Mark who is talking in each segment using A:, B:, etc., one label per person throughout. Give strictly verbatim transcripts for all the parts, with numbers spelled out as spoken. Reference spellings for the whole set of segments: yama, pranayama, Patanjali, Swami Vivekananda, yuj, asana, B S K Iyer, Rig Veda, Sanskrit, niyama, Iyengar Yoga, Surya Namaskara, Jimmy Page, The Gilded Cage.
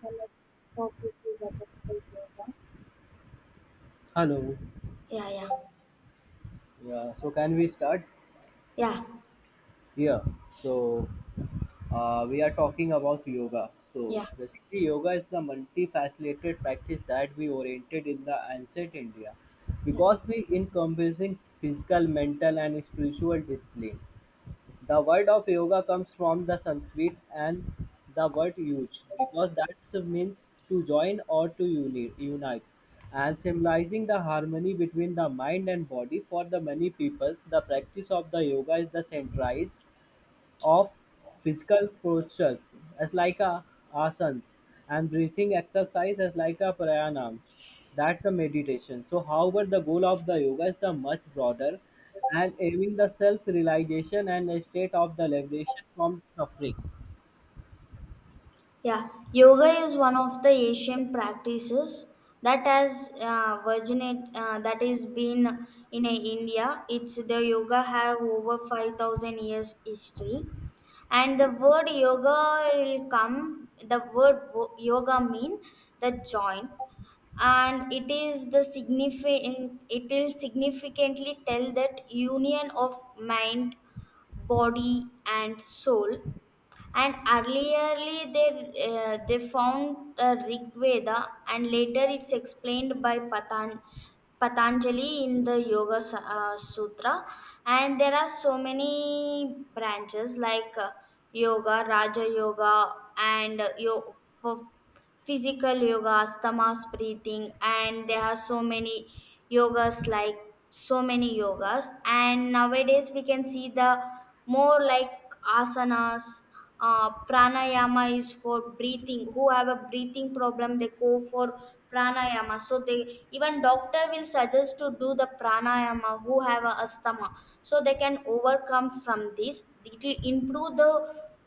A: The next topic is about yoga.
B: Hello.
A: Yeah, yeah,
B: Yeah. So can we start?
A: yeah,
B: Yeah. So uh, we are talking about yoga. So
A: yeah,
B: basically, yoga is the multifaceted practice that we oriented in the ancient India,
A: yes.
B: because we encompassing physical, mental, and spiritual discipline. The word of yoga comes from the Sanskrit and the word yuj, because that means to join or to uni- unite, and symbolizing the harmony between the mind and body. For the many peoples, the practice of the yoga is the centralized of physical postures as like a asanas and breathing exercise as like a pranayama that's the meditation. So however the goal of the yoga is the much broader and aiming the self realization and a state of the liberation from suffering.
A: Yeah, yoga is one of the Asian practices that has uh, virginate uh, that is been in uh, India. It's the yoga have over five thousand years history, and the word yoga will come. The word wo- yoga mean the joint, and it is the significant. It will significantly tell that union of mind, body, and soul, and earlierly they uh, they found uh, Rig Veda, and later it's explained by Patan, Patanjali in the Yoga Sa- uh, Sutra. And there are so many branches like uh, yoga, Raja Yoga, and uh, yo- physical yogas, tamas, breathing, and there are so many yogas like so many yogas. And nowadays we can see the more like asanas. Uh, pranayama is for breathing. Who have a breathing problem, they go for pranayama. So they, even doctor will suggest to do the pranayama, who have a asthma, so they can overcome from this. It will improve the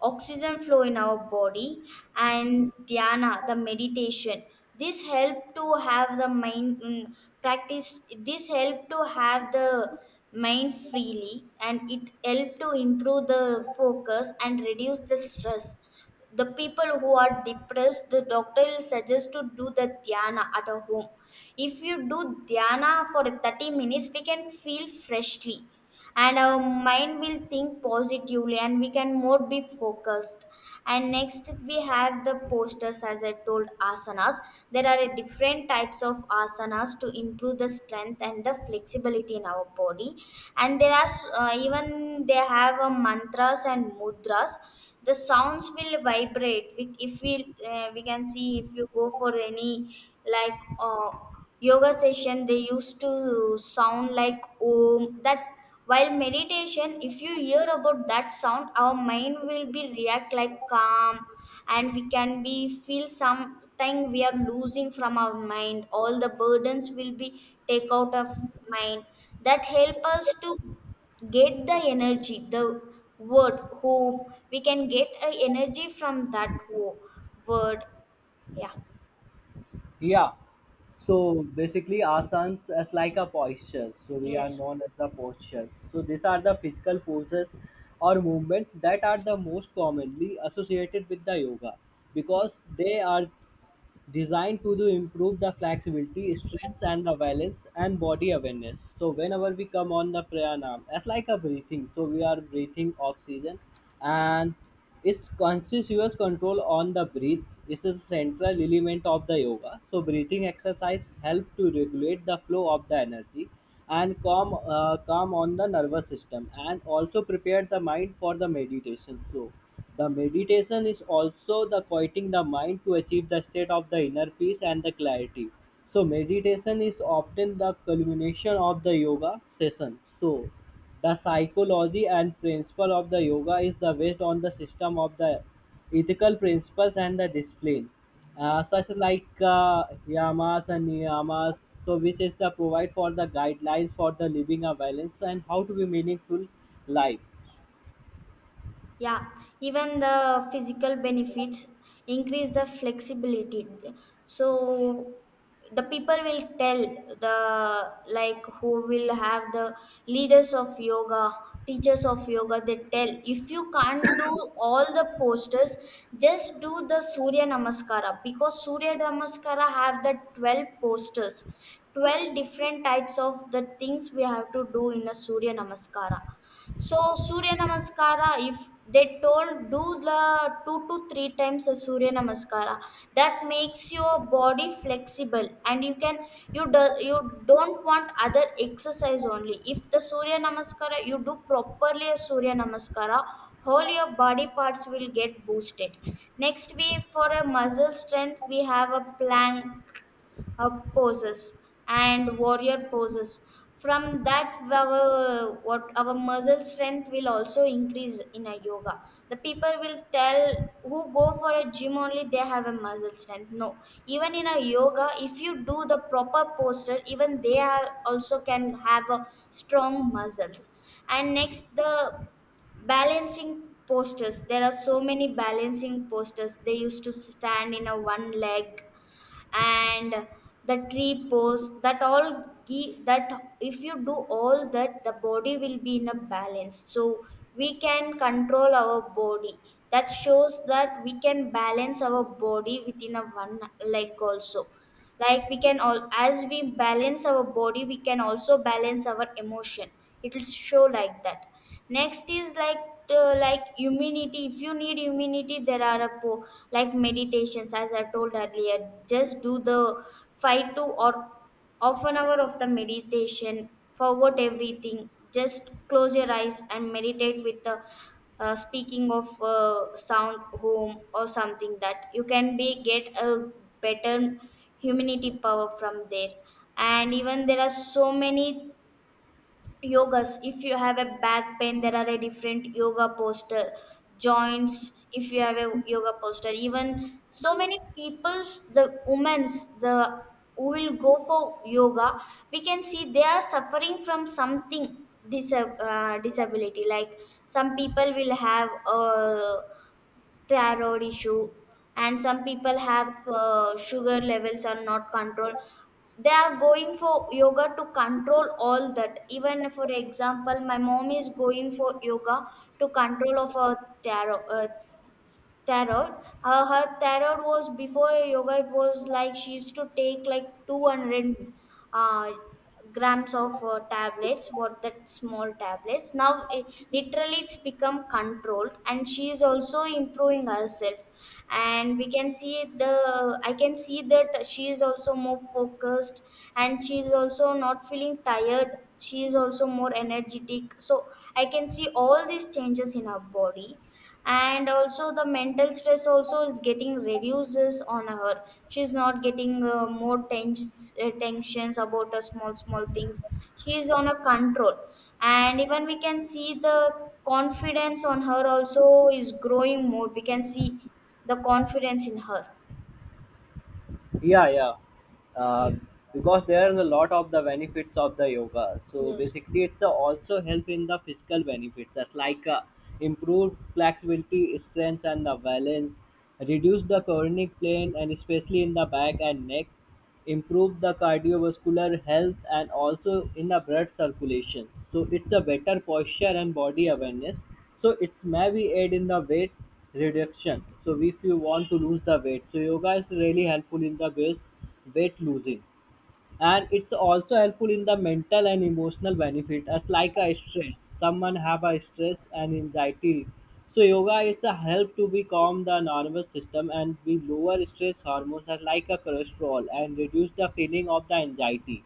A: oxygen flow in our body. And dhyana, the meditation, this help to have the mind mm, practice this help to have the mind freely, and it help to improve the focus and reduce the stress. The people who are depressed, the doctor will suggest to do the dhyana at a home. If you do dhyana for thirty minutes, we can feel freshly, and our mind will think positively, and we can more be focused. And next we have the posters, as I told, asanas. There are a different types of asanas to improve the strength and the flexibility in our body. And there are s- uh, even they have a mantras and mudras. The sounds will vibrate. We, if we uh, we can see, if you go for any like uh, yoga session, they used to sound like om. That, while meditation, if you hear about that sound, our mind will be react like calm, and we can be feel something. We are losing from our mind, all the burdens will be take out of mind. That help us to get the energy, the word home. We can get a energy from that wo- word. yeah
B: Yeah. So basically, asanas as like a postures. So we are
A: yes
B: known as the postures. So these are the physical poses or movements that are the most commonly associated with the yoga because
A: yes
B: they are designed to do improve the flexibility, strength, and the balance and body awareness. So whenever we come on the pranayam, that's like a breathing. So we are breathing oxygen, and it's conscious control on the breath. This is a central element of the yoga. So breathing exercise help to regulate the flow of the energy and calm uh, calm on the nervous system and also prepare the mind for the meditation. So the meditation is also the quieting the mind to achieve the state of the inner peace and the clarity. So meditation is often the culmination of the yoga session. So the psychology and principle of the yoga is the based on the system of the ethical principles and the discipline, uh, such like uh, yamas and niyamas, so which is the provide for the guidelines for the living a balance and how to be meaningful life.
A: Yeah, even the physical benefits increase the flexibility. So the people will tell, the like who will have the leaders of yoga, teachers of yoga, they tell if you can't do all the posters, just do the Surya Namaskara, because Surya Namaskara have the twelve posters. twelve different types of the things we have to do in a Surya Namaskara. So Surya Namaskara, if they told do the two to three times a Surya Namaskara, that makes your body flexible, and you can, you do, you don't want other exercise only. If the Surya Namaskara you do properly, a Surya Namaskara, whole your body parts will get boosted. Next we, for a muscle strength, we have a plank uh, poses and warrior poses. From that, our what, our muscle strength will also increase in a yoga. The people will tell who go for a gym only they have a muscle strength. No, even in a yoga, if you do the proper posture, even they are also can have a strong muscles. And next, the balancing postures. There are so many balancing postures. They used to stand in a one leg, and the tree pose, that all give that. If you do all that, the body will be in a balance, so we can control our body. That shows that we can balance our body within a one, like also, like we can all, as we balance our body, we can also balance our emotion. It'll show like that. Next is like, uh, like immunity. If you need immunity, there are a po- like meditations, as I told earlier, just do the five to, or half an hour of the meditation, forget everything, just close your eyes and meditate with the uh, speaking of uh, sound home or something, that you can be get a better humanity power from there. And even there are so many yogas. If you have a back pain, there are a different yoga poster. Joints, if you have a yoga poster, even so many people's, the women's, the who will go for yoga, we can see they are suffering from something dis- uh, disability. Like, some people will have uh, thyroid issue, and some people have uh, sugar levels are not controlled. They are going for yoga to control all that. Even for example, my mom is going for yoga to control of her thyroid, uh, tarot. Uh, her tarot was before yoga. It was like she used to take like two hundred uh, grams of uh, tablets. What, that small tablets. Now it, literally it's become controlled, and she is also improving herself. And we can see the, I can see that she is also more focused, and she is also not feeling tired. She is also more energetic. So I can see all these changes in her body, and also the mental stress also is getting reduces on her. She's not getting uh, more tens- uh, tensions about the small small things. She is on a control. And even we can see the confidence on her also is growing more. We can see the confidence in her.
B: Yeah, yeah. uh,
A: Yeah.
B: because there is a lot of the benefits of the yoga, so
A: Yes,
B: basically it's also help in the physical benefits, that's like uh, improve flexibility, strength, and the balance, reduce the chronic pain and especially in the back and neck, improve the cardiovascular health and also in the blood circulation. So it's a better posture and body awareness, so it's maybe aid in the weight reduction. So if you want to lose the weight, so yoga is really helpful in the base weight losing. And it's also helpful in the mental and emotional benefit as like a stress. Someone have a stress and anxiety, so yoga is a help to be calm the nervous system and we lower stress hormones as like a cholesterol and reduce the feeling of the anxiety,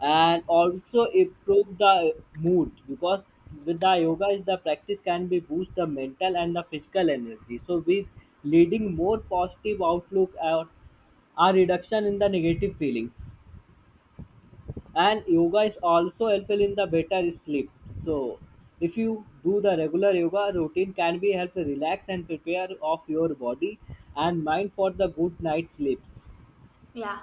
B: and also improve the mood, because with the yoga is the practice can be boost the mental and the physical energy, so with leading more positive outlook or a reduction in the negative feelings. And yoga is also helpful in the better sleep. So if you do the regular yoga routine can be help relax and prepare of your body and mind for the good night sleeps.
A: yeah.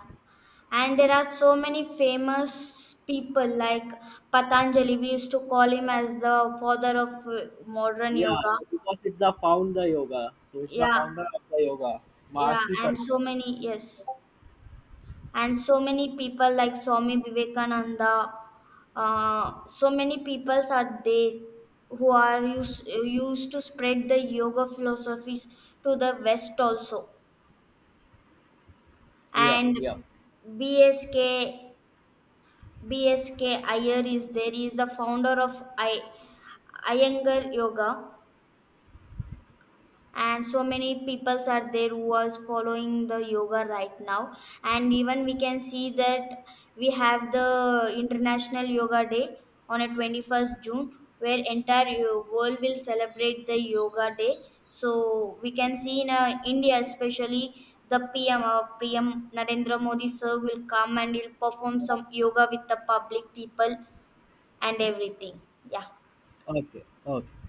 A: And there are so many famous people like Patanjali. We used to call him as the father of uh, modern
B: Yeah,
A: yoga.
B: because it's the founder yoga, so it's the
A: Yeah,
B: founder of the yoga,
A: Yeah,
B: mahasi
A: and so
B: Patanjali.
A: many, yes, and so many people like Swami Vivekananda, uh, so many peoples are there who are used, used to spread the yoga philosophies to the West also.
B: Yeah, yeah.
A: And B S K B S K Iyer is there. He is the founder of I, Iyengar Yoga. And so many peoples are there who are following the yoga right now. And even we can see that we have the international yoga day on a twenty-first June, where entire yo- world will celebrate the yoga day. So we can see in uh, India, especially the pm uh, PM Narendra Modi sir will come, and he'll perform some yoga with the public people and everything, yeah.
B: Okay, okay.